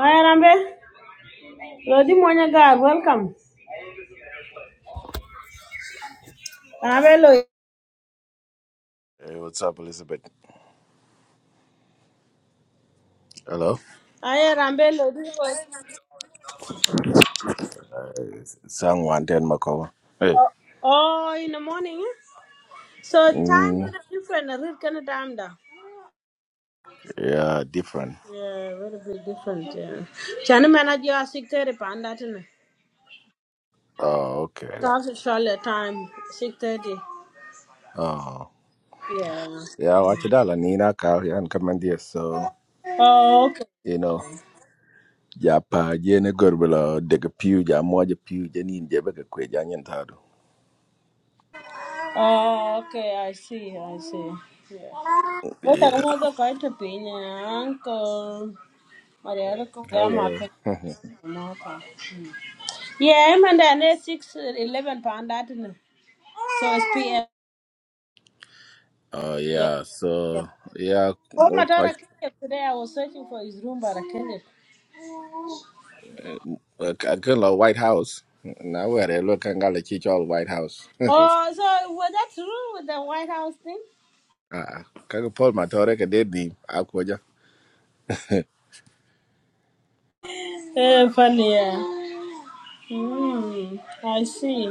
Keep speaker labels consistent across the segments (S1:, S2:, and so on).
S1: Aye, Rambe. Lodi Monya God, welcome. Rambe Lodi.
S2: Hey, what's up, Elizabeth? Hello.
S1: Aye, Rambe Lodi was.
S2: Hey, Someone ten Makowa. Hey.
S1: Oh, in the morning. eh? So time
S2: Mm,
S1: is different. I read kind of time da.
S2: yeah, different.
S1: Yeah, very big different. Yeah. Chana manage your six thirty panda tena.
S2: Oh, okay.
S1: South Australia time six thirty.
S2: Oh.
S1: Yeah.
S2: Yeah, watch it all. Nina Kal and Commandia. So,
S1: Oh, okay.
S2: you know, Japa, Jenny Gurbula, Dega Pew, Jamoja Pew, Janin Jebeka Kwe, Janyan
S1: Oh, okay. I see. I see. Wata
S2: Yeah.
S1: kuma zai kai tafi ne uncle. Mariara ko ya
S2: Hello.
S1: maka maka. Yeah, I'm under ne six eleven pound that no. So it's PM.
S2: Oh,
S1: Yeah.
S2: yeah. So, yeah,
S1: Oh my
S2: okay.
S1: daughter killed it today. I was searching for his room, but I killed it.
S2: I can White House. Now, where they look and got the White House.
S1: Oh, so was that true with the White House thing?
S2: Ah, Kaka Paul Matore, Kade Dim, Akwaja.
S1: Eh, funny, yeah. Mm, I see.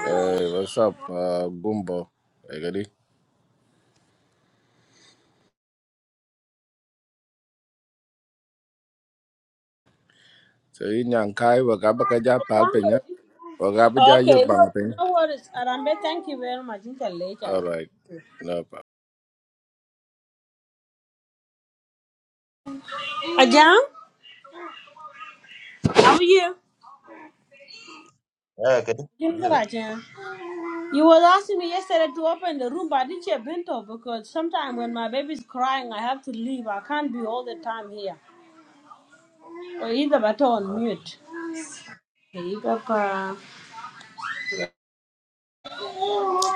S2: Hey, what's up, uh, Gumbo? Egadi. So in Yankai, Wagaba Kaja
S1: Young
S2: Palpina,
S1: lady.
S2: Wagaba Jayuk
S1: Okay, no,
S2: Bangping.
S1: no worries. Arambe, thank you very much. Until later.
S2: All right. no problem.
S1: Ajahn, how are you?
S3: Yeah, okay.
S1: Doing good,
S3: Good.
S1: Ajahn. You was asking me yesterday to open the room, but I didn't share bento because sometimes when my baby's crying, I have to leave. I can't be all the time here. Or either but on
S3: Uh,
S1: mute. Hey, Papa.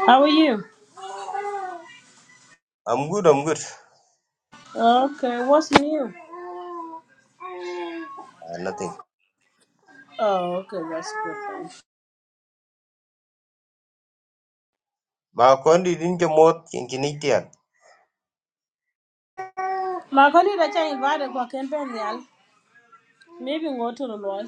S1: How are you?
S3: I'm good, I'm good.
S1: Okay, what's new?
S3: Uh, nothing.
S1: Oh, okay, that's good. Thanks.
S3: Ma kondi din ke mot kin kinitian.
S1: My colleague that I invited for campaign, yeah, maybe go to the Lord.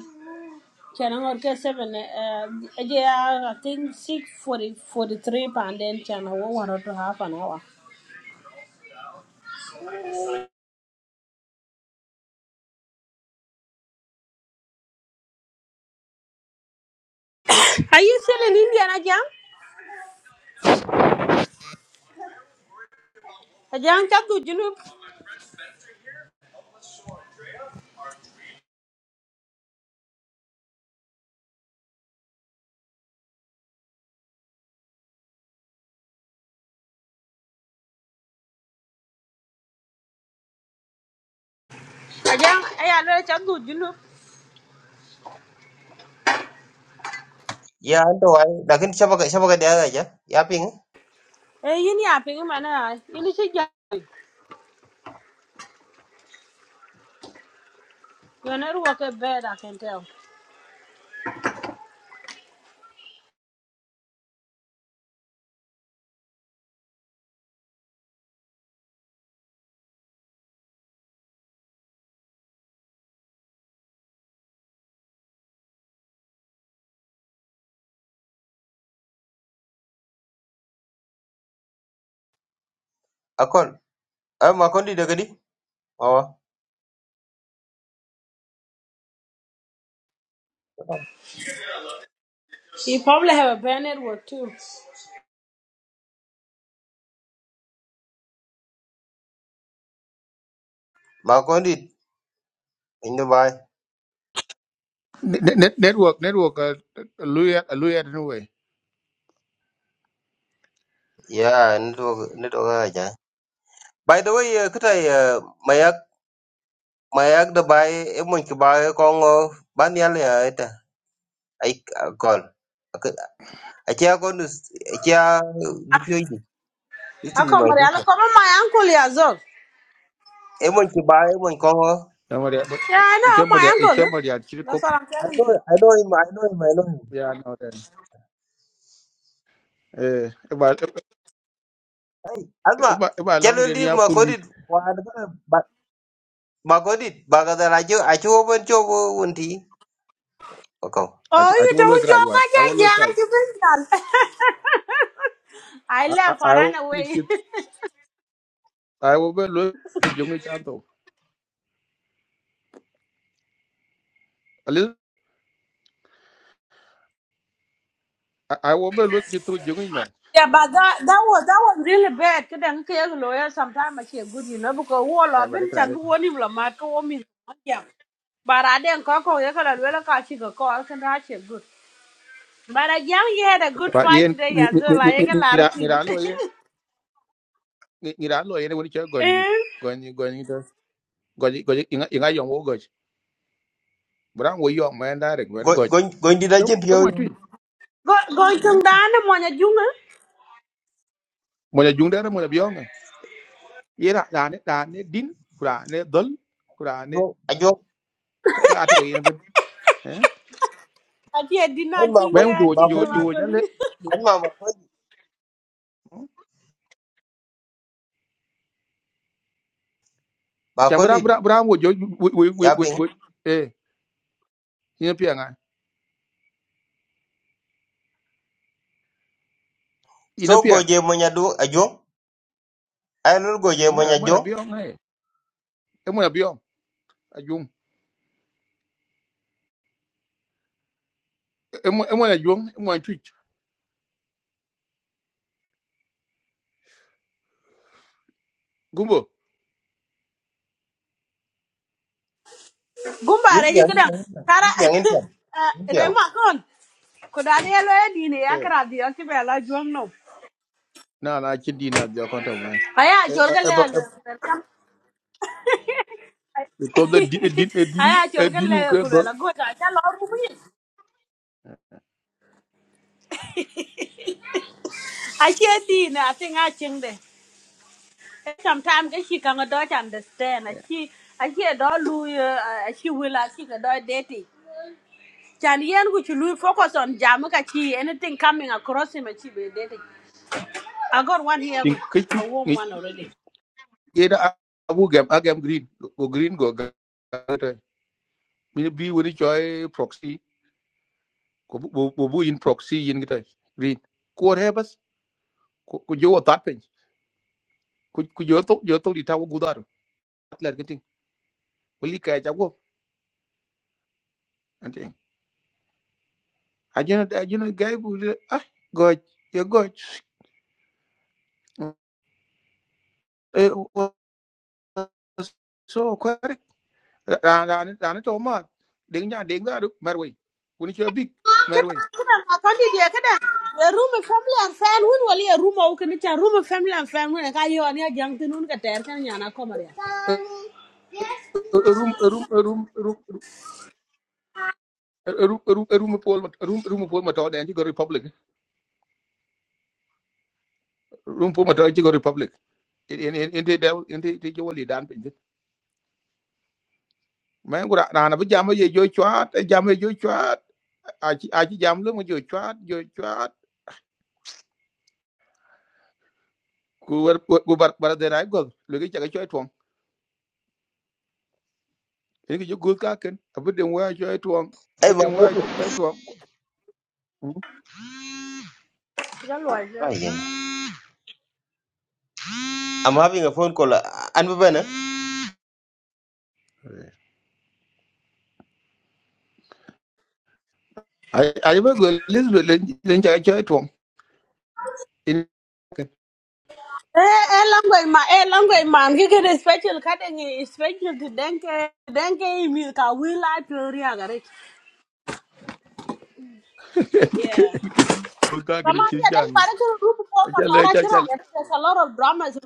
S1: Can I get seven? Uh, yeah, I think six forty forty-three pound. Then can I want to half an hour? Are you still in India, Ajahn? Ajahn, chat to Junub. Ajang, ay alo cha du julu.
S3: Ya ando ay lakin siapa ka siapa ka dia aja. Ya ping.
S1: Eh yini aping mana, yini chi ja. Your network is bad, I can tell.
S3: Akon. Ah ma kondi de gadi. Mawa.
S1: You probably have a bad network too.
S3: Ma kondi indo bay.
S4: Net, net- network network uh, luya luya anyway.
S3: Ya nito nito ka aja. By the way, uh, kita uh, mayak mayak da bay e mon ki bay kongo ban yal ya eta. Ay akol. Akia kondus akia dipyo idi.
S1: How
S3: Itu bi
S1: come
S3: mai
S1: Mariana?
S3: tisa.
S1: Come on, my uncle is up.
S3: E mon ki bay e mon kongo.
S4: Somebody but
S1: Yeah, I know, my
S4: somebody
S1: uncle. huh?
S4: somebody at
S1: That's
S4: Chirikop.
S1: what I'm
S3: I
S1: telling
S3: know,
S1: you.
S3: I know him, I know him, I know him.
S4: Yeah, I know that. Eh, about
S3: Hey, Alma,
S4: about about
S3: can
S4: long
S3: you
S4: the
S3: leave
S4: near pundit.
S3: Makodit? But Makodit, Bagadar, I do, I do open job, Unti. Okay.
S4: I
S1: Oh,
S4: I
S1: you
S4: will look
S1: don't
S4: right
S1: joke
S4: one.
S1: at
S4: I will
S1: that,
S4: look
S1: yeah,
S4: right.
S1: you been done. I
S4: I I
S1: left, I
S4: I
S1: ran
S4: will
S1: away.
S4: kid. I will be look to jungi chanto. A little. I I will be look it to jungi man.
S1: Yeah, but that that was that was really bad. Cause then cause lawyer sometimes I feel good, you know, because wall
S4: Yeah,
S1: up
S4: but
S1: in
S4: it's right.
S1: chan bu woni la ma to wo mi yeah. But I didn't call. or you gotta well catch you go call can I feel good. But again you had a good
S4: But
S1: fight
S4: yen
S1: today as well. I got a lot of
S4: nira
S1: things.
S4: nira lo yen nira lo yen when you going it
S1: Eh,
S4: going it, going it going it, going it. inga inga yong wo goch. Brang wo yong man direct very goch.
S3: Going, going to the gym,
S4: Come
S3: you
S4: on,
S1: Go go chung dan mo nya junga.
S4: mo ya jung dera mo ya biong ye ra da ne da ne din ku da ne dol ku da ne
S3: go, I do.
S4: ka ka to yin ben eh
S1: I didn't
S3: And
S1: ching
S4: ba mu
S3: Makodit,
S1: there
S4: jo
S1: ching the
S4: jo
S3: Makodit,
S4: jo
S1: work
S4: ja
S1: on
S4: le
S1: it.
S3: Alma, Makodit,
S4: cha bra
S3: Makodit,
S4: bra bra mo jo wo wo wo wo
S3: yapping.
S4: wo- eh ina pian ai ina
S3: So go,
S4: pian
S3: Jay Monyadu, I do. I will go, Jay
S4: mo ya mo ya
S3: Monyadu.
S4: biong ai mo ya biong a mo mo ya jung mo ya twitch gumbo
S1: Gumba you
S3: Indian,
S1: could
S3: Indian,
S1: cara
S3: Indian, Indian,
S1: uh
S3: Indian.
S1: then walk on. Could I yellow dine ya
S4: eh
S1: kara di ya kibela juang no.
S4: na na chin di na dia konta man
S1: Aya
S4: eh
S1: chol ka
S4: eh eh,
S1: le
S4: eh,
S1: welcome.
S4: because the din din eh, din
S1: Aya
S4: eh,
S1: chol ka
S4: din ku
S1: le
S4: ka
S1: ku le
S4: dol
S1: la go ta cha lo ru bi. A che ti na thing a ching de. Sometimes ka she can do understand. A
S4: eh
S1: she a she do lu a she will a she ka do dating. Chan yen ku chu lu focus on jam ka chi anything coming across him a chi be dating. I got one here
S4: tin
S1: with
S4: kik kik
S1: a warm
S4: ni
S1: one already.
S4: ye da abu gam agam green go green go mi bi woni coy proxy ko bu bu bu in proxy yin kita green ko re bas ko ko jo ta pe ko ko jo to jo to di ta gu dar atler ke ting wali ka ja go ante ajena ajena gay bu le ah go ye go e so ko re ra ra ra ne to ma de nya de ga ru mer we woni coy big mer
S1: kada
S4: we
S1: kada ma kandi dia kada ya ruma family and fan hun wali ya ruma o kini cha ruma family and fan hun ka yo ani ajang tin hun ka ter kan nyana komar ya
S4: room room room room room room room pol room room pol ma to de ci go republic room pol ma to ci go republic in in de da in de de jo li dan pin men gura na na jam ye jo chat jam ye jo chat a chi a chi jam lu mo jo chat jo chat ku wer ku bar bar de rai go lu ki chaga choi tuong in ki jo gut ka ken a bu den wa choi tuong
S3: Hey,
S4: bu den wa
S3: Makodit.
S4: choi tuong
S1: ya lo ya
S3: I am. I'm having a phone call. And Alma,
S4: a a ba go lis lu len len chaga choi tuong in ki
S1: eh eh lango ma eh lango ma ngi kada special kada ngi special to denke denke mi ka will la theory agare
S4: ki
S1: yeah
S4: ki chi gut ka
S1: Kama
S4: ken chi
S1: ya dan
S4: jang
S1: para kuru rupu ko
S4: a cha le
S1: patara
S4: cha
S1: chira
S4: cha
S1: ya there's a lot of dramas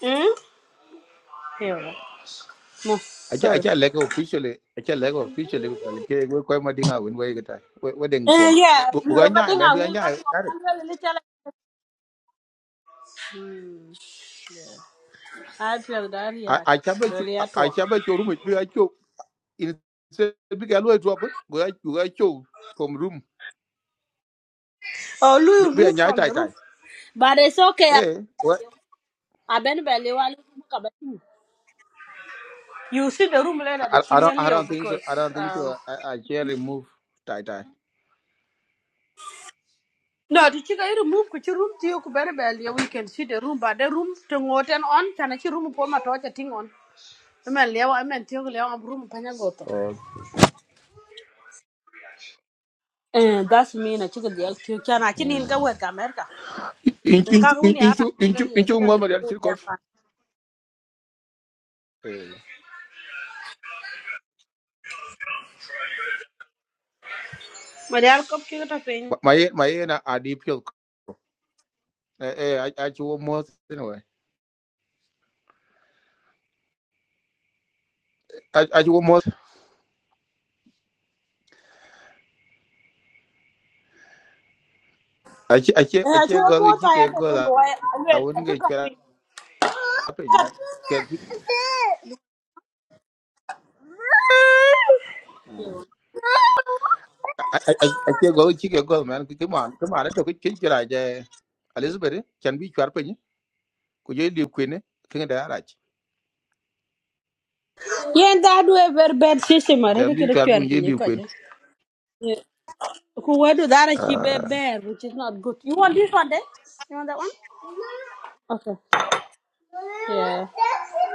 S1: hmm Here we go. no
S4: acha
S1: sorry
S4: acha lego officially acha lego officially ko dal ke we ko ma dinga won we gata we we ding
S1: Eh,
S4: tuom
S1: yeah,
S4: bu bu ga
S1: ma
S4: nyaa men bu
S1: dinga
S4: ga
S1: wil ka
S4: nyaa
S1: tuwa
S4: kare
S1: kwanza lili chala. I feel that, yeah.
S4: acha ba chu
S1: Really at all.
S4: acha ba chu rum bi ga chu in se bi ga lo drop bu ga bu ga chu from room
S1: Oh,
S4: bi
S1: Louis
S4: ga
S1: move
S4: nyaa
S1: from
S4: tai
S1: the
S4: tai
S1: roof. But it's okay.
S4: eh what
S1: I been belly while you see the room later, the
S4: I, I don't
S1: Chilean
S4: i
S1: Leo,
S4: don't think so
S1: because,
S4: i don't think so
S1: um,
S4: i, I share remove tai tai
S1: no, the chica you move kuchi room to you kubere belly, we can see the room, but the room to ngoten on, chana chi room po matocha thing on. I Ima leo, ima tiyo leo, am room panya goto.
S4: or
S1: Eh, that's me, na chica the elk tiyo, Can chini
S4: mm.
S1: inka wet ka merka.
S4: in in
S1: nka
S4: in
S1: wuni
S4: in
S1: ara
S4: chu in chu
S1: kali
S4: in
S1: ka
S4: chu
S1: dan
S4: ngwa ma dal
S1: ya
S4: chirkof
S1: pa
S4: eh
S1: ma da alkop ki ta pin
S4: ma ye ma ye na adi pil eh eh acha mo I I I I che- I che-
S1: eh
S4: I
S1: a to
S4: che- go to
S1: mota ya
S4: chicken
S1: ta
S4: go
S1: pin
S4: la-
S1: wa
S4: I
S1: alwe a
S4: wouldn't
S1: to
S4: get
S1: ka pin
S4: acu ko mos acie gol ki cike gol awun ke cuɛt apiny mɛn acie gol ki cike gol mɛn kimane toki cin ci rac elizabeth can bi cuɛt piny ku je liu kuene kiŋ de arac
S1: yen da du e ver bed sisi ma re
S4: can
S1: ki
S4: bi
S1: da
S4: cuɛt
S1: chwer
S4: piny je
S1: pin
S4: liu
S1: ko
S4: kuen
S1: je ku wedu dara ki be bear which is not good you want this one then you want that one okay yeah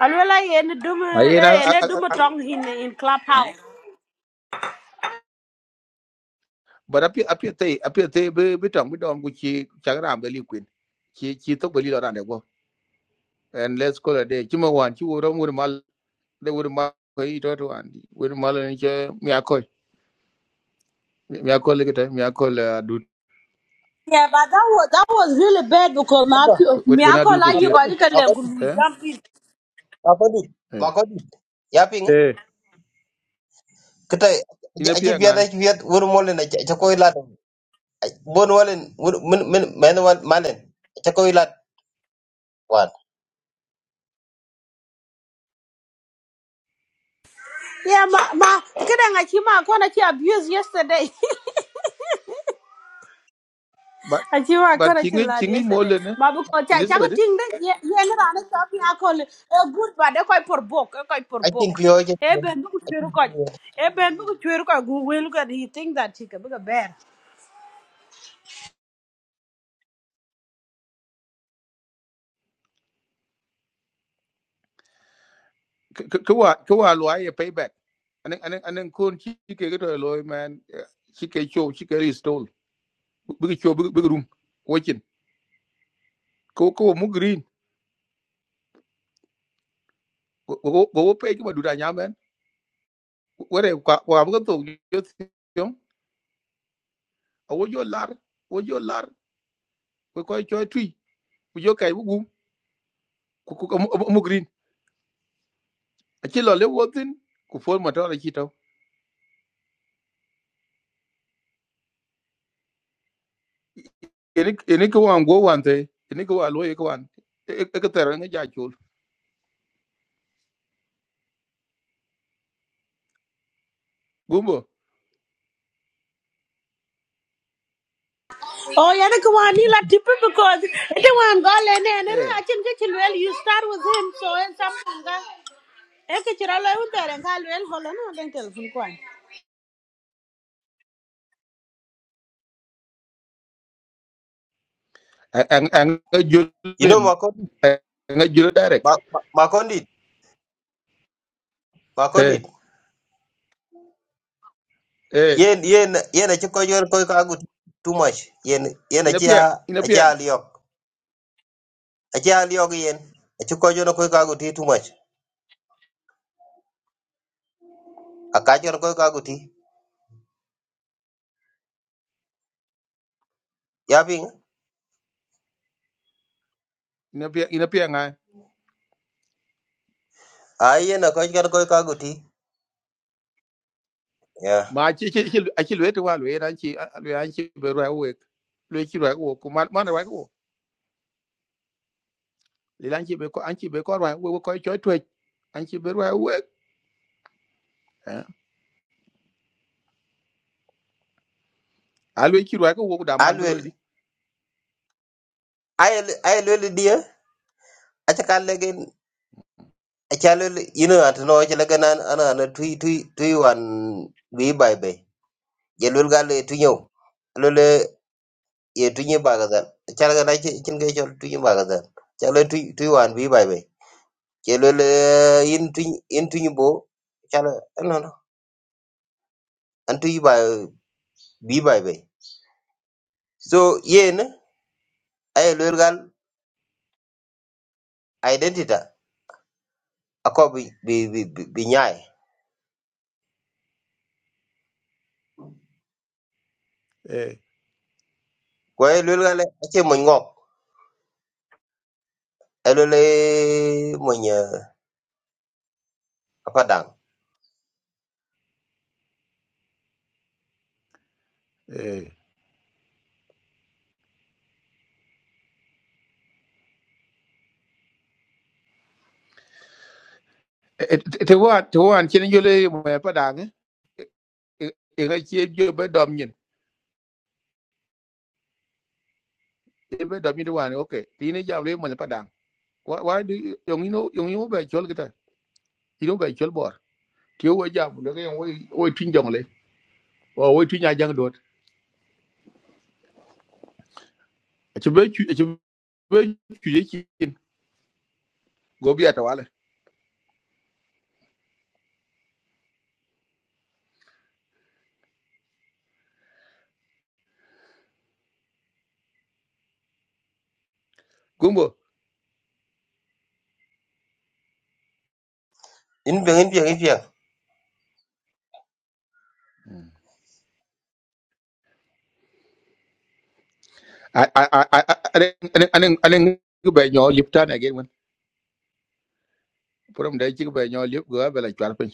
S1: alwe la yen dum
S4: ayen
S1: eh yen dum tong in in clubhouse
S4: bot apie thei apie thei bi tɔŋ bi dɔm ku ci cak raam be liu kuen ci thok be li lɔ rande guɔ en les kolode cimɛ wan ci wo rɔm wot mal de wot mal ko itɔtoan wot mal ni ce mia kɔc mi mi akol kete mi akol eh, adut
S1: Yeah, but that was that was really bad because my me
S4: when
S1: I
S4: adut
S1: call like you
S4: pontier
S1: got you
S3: Makodit,
S1: can like
S3: Makodit.
S4: eh
S1: jump in.
S3: Makodit,
S4: eh
S3: makodit. Yaping,
S4: eh
S3: kita
S4: ina
S3: aji
S4: pia
S3: biada
S4: nga
S3: aji biad wur molen aji aji lat. Bon molen wur min min men wal malen aji lat wan.
S1: Yeah, ma ma, kidding I chima I called abused yesterday.
S4: but
S1: I chima I
S4: but
S1: called you
S4: chingi
S1: lad
S4: chingi
S1: yesterday.
S4: mole ne
S1: Ma, because I can't
S4: elizabeth
S1: think that yeah yeah no I not me I call it a good but they call for book I call for
S3: Aji
S1: book.
S3: pio aji
S1: Eh ben look at you call. Eh ben look at you call go well look at he think that chicken big a big bear.
S4: kwa kwa lwa ye payback anen anen anen kon chi ke to loy man eh, chi ke show chi ke restore big show big big room watching ko ko mu green go go pay ki madura nyamen wore kwa kwa bu to yo yo awo yo lar wo yo lar ko ko cho twi ku yo kai bu ku ku mu green aci lo le wotin ku fol ma tawla ci taw ene ene ko wan go wan te ene ko wa lo e ko wan e ko ter nga ja ciul gumbo
S1: Oh yeah the one he like tip because it one go and and
S4: eh
S1: I think that you well you start with him so and something. eh. e ke ci ra lo un tere ka lwel holo no den tel fun kwan
S4: Ang ang nga
S3: You
S4: julen
S3: know makodit,
S4: Ang jule direct
S3: ma- ma- makodit,
S4: eh
S3: makodit.
S4: eh
S3: Yen yen yen aji koi yor koi kagu too much. Yen yen
S4: ina
S3: aji a
S4: pian ina
S3: aji
S4: pian
S3: aliok aji aliok yen aji koi yor koi kagu too much. Akaji koi kagu ti. Yaping,
S4: ina pian ina pian nga
S3: ayen aji koi kagu ti.
S4: ma ci ci ci aci lo te wa lo e ran ci lo an ci be ro we lo ci ro ko. ku man man ro wo li lan ci be ko an ci be ko ro wo ko ci to an ci be ro we a lo ci ro ko wo da man be lo
S3: Alwell,
S4: di
S3: I ayel ayelwel dia acha kalegen achalwel ino atno chala kanan ana ana tui tui tui wan by bay. bai jelwel gal tunyo lole ye tunye bagazan chala kana chin ke chol tunye bagazan chala tui tui wan bi bai bai jelwel in tui in tunye bo chala no no an tui by bi by bay. so yen ayelwel gal identity akobi bi bi bi nyai ko ayelwel gal eh, ache mo elo le mo nya apadang
S4: eh ti wan ti wan chin yole mo pa dang e e ga chi jo be dom nyin e be dom nyin wan okay ti ne jam le mo pa dang wa wa du yong ino yong ino be chol kita ti no be chol bor ti wo jam le ga wo wo tin jong le wo wo tin ya jang dot chi be chi be chi ye chin go bi ata wala gumbo
S3: in be in be in be
S4: a a a a anen anen ku be nyo lip tan again man from da chi ku be nyo lip go be la chwal pin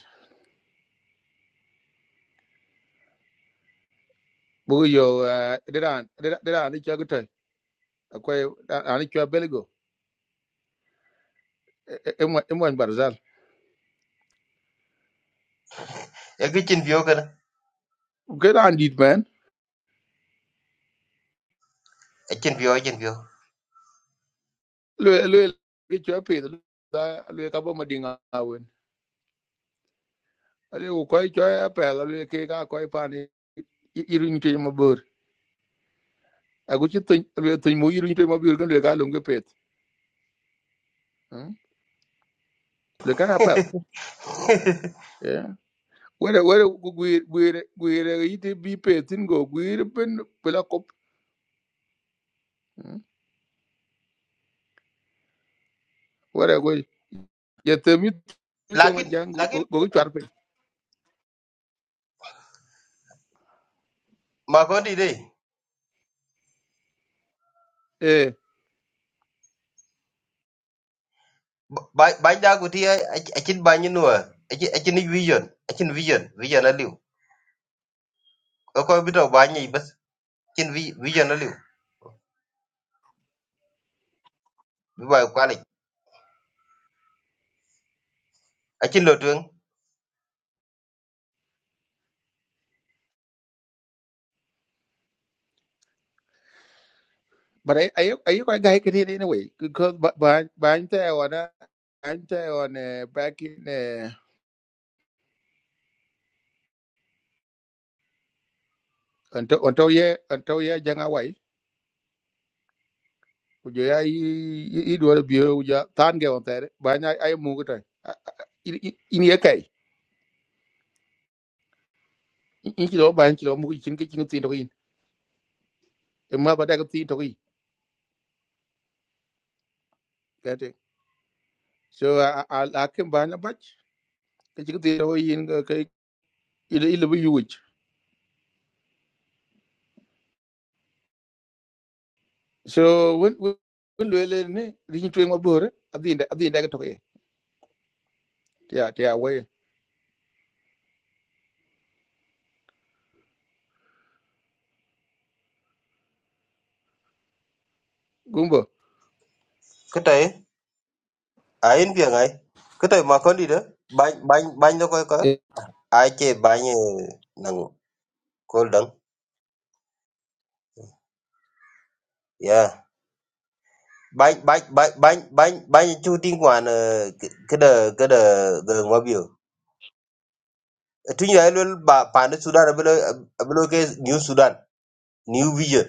S4: bu yo dedan dedan ni cha gutai akwai ani chwa emwan barzal
S3: e gi chin bio kana
S4: ke dan dit man
S3: e chin bio chin bio
S4: le le ke cho pe da le ka bo madinga wen ale ko ko cho ya pe la le ke ga irun te mo bur agu chi tin tin mo irun te mo bur kan le ga lum ke pet le ka ya pe ya were were guir guir guir ite bi pe tin go guir pen pela kop were go ya te mi to ma
S3: lakin
S4: jang
S3: lakin
S4: go go char pe
S3: ma ko di dai ba ba da ku ti a chin ba ni nuwa a chin vision a chin vision vision na liu ko ko bi to ba ni bas chin vi- vision na liu bi ba ko ale a chin lo tuen
S4: But I I I you guy can hear it anyway because but but but I'm there on uh, I'm uh, back in uh, until until yeah until yeah jang away. Would you I I do will bio you tan get on there. But I I move it. In in your case, in kilo by kilo move chin kitchen tin to in. A mother that tin to in. That it. So I I I can buy a batch. The chicken tin to in okay. It it will be huge. So when when when we learn, reaching to my brother. At the end at the end I get to it. Yeah yeah way. Goomba.
S3: ko tai a in be ngai ko tai ma ko di da ba ba ba ko ko a che ba ni nang ko dang bany bany bany bany bany bany chuting wan kada kada the ngwabio tunya elwel ba pande sudan abelo abelo ke new sudan new vision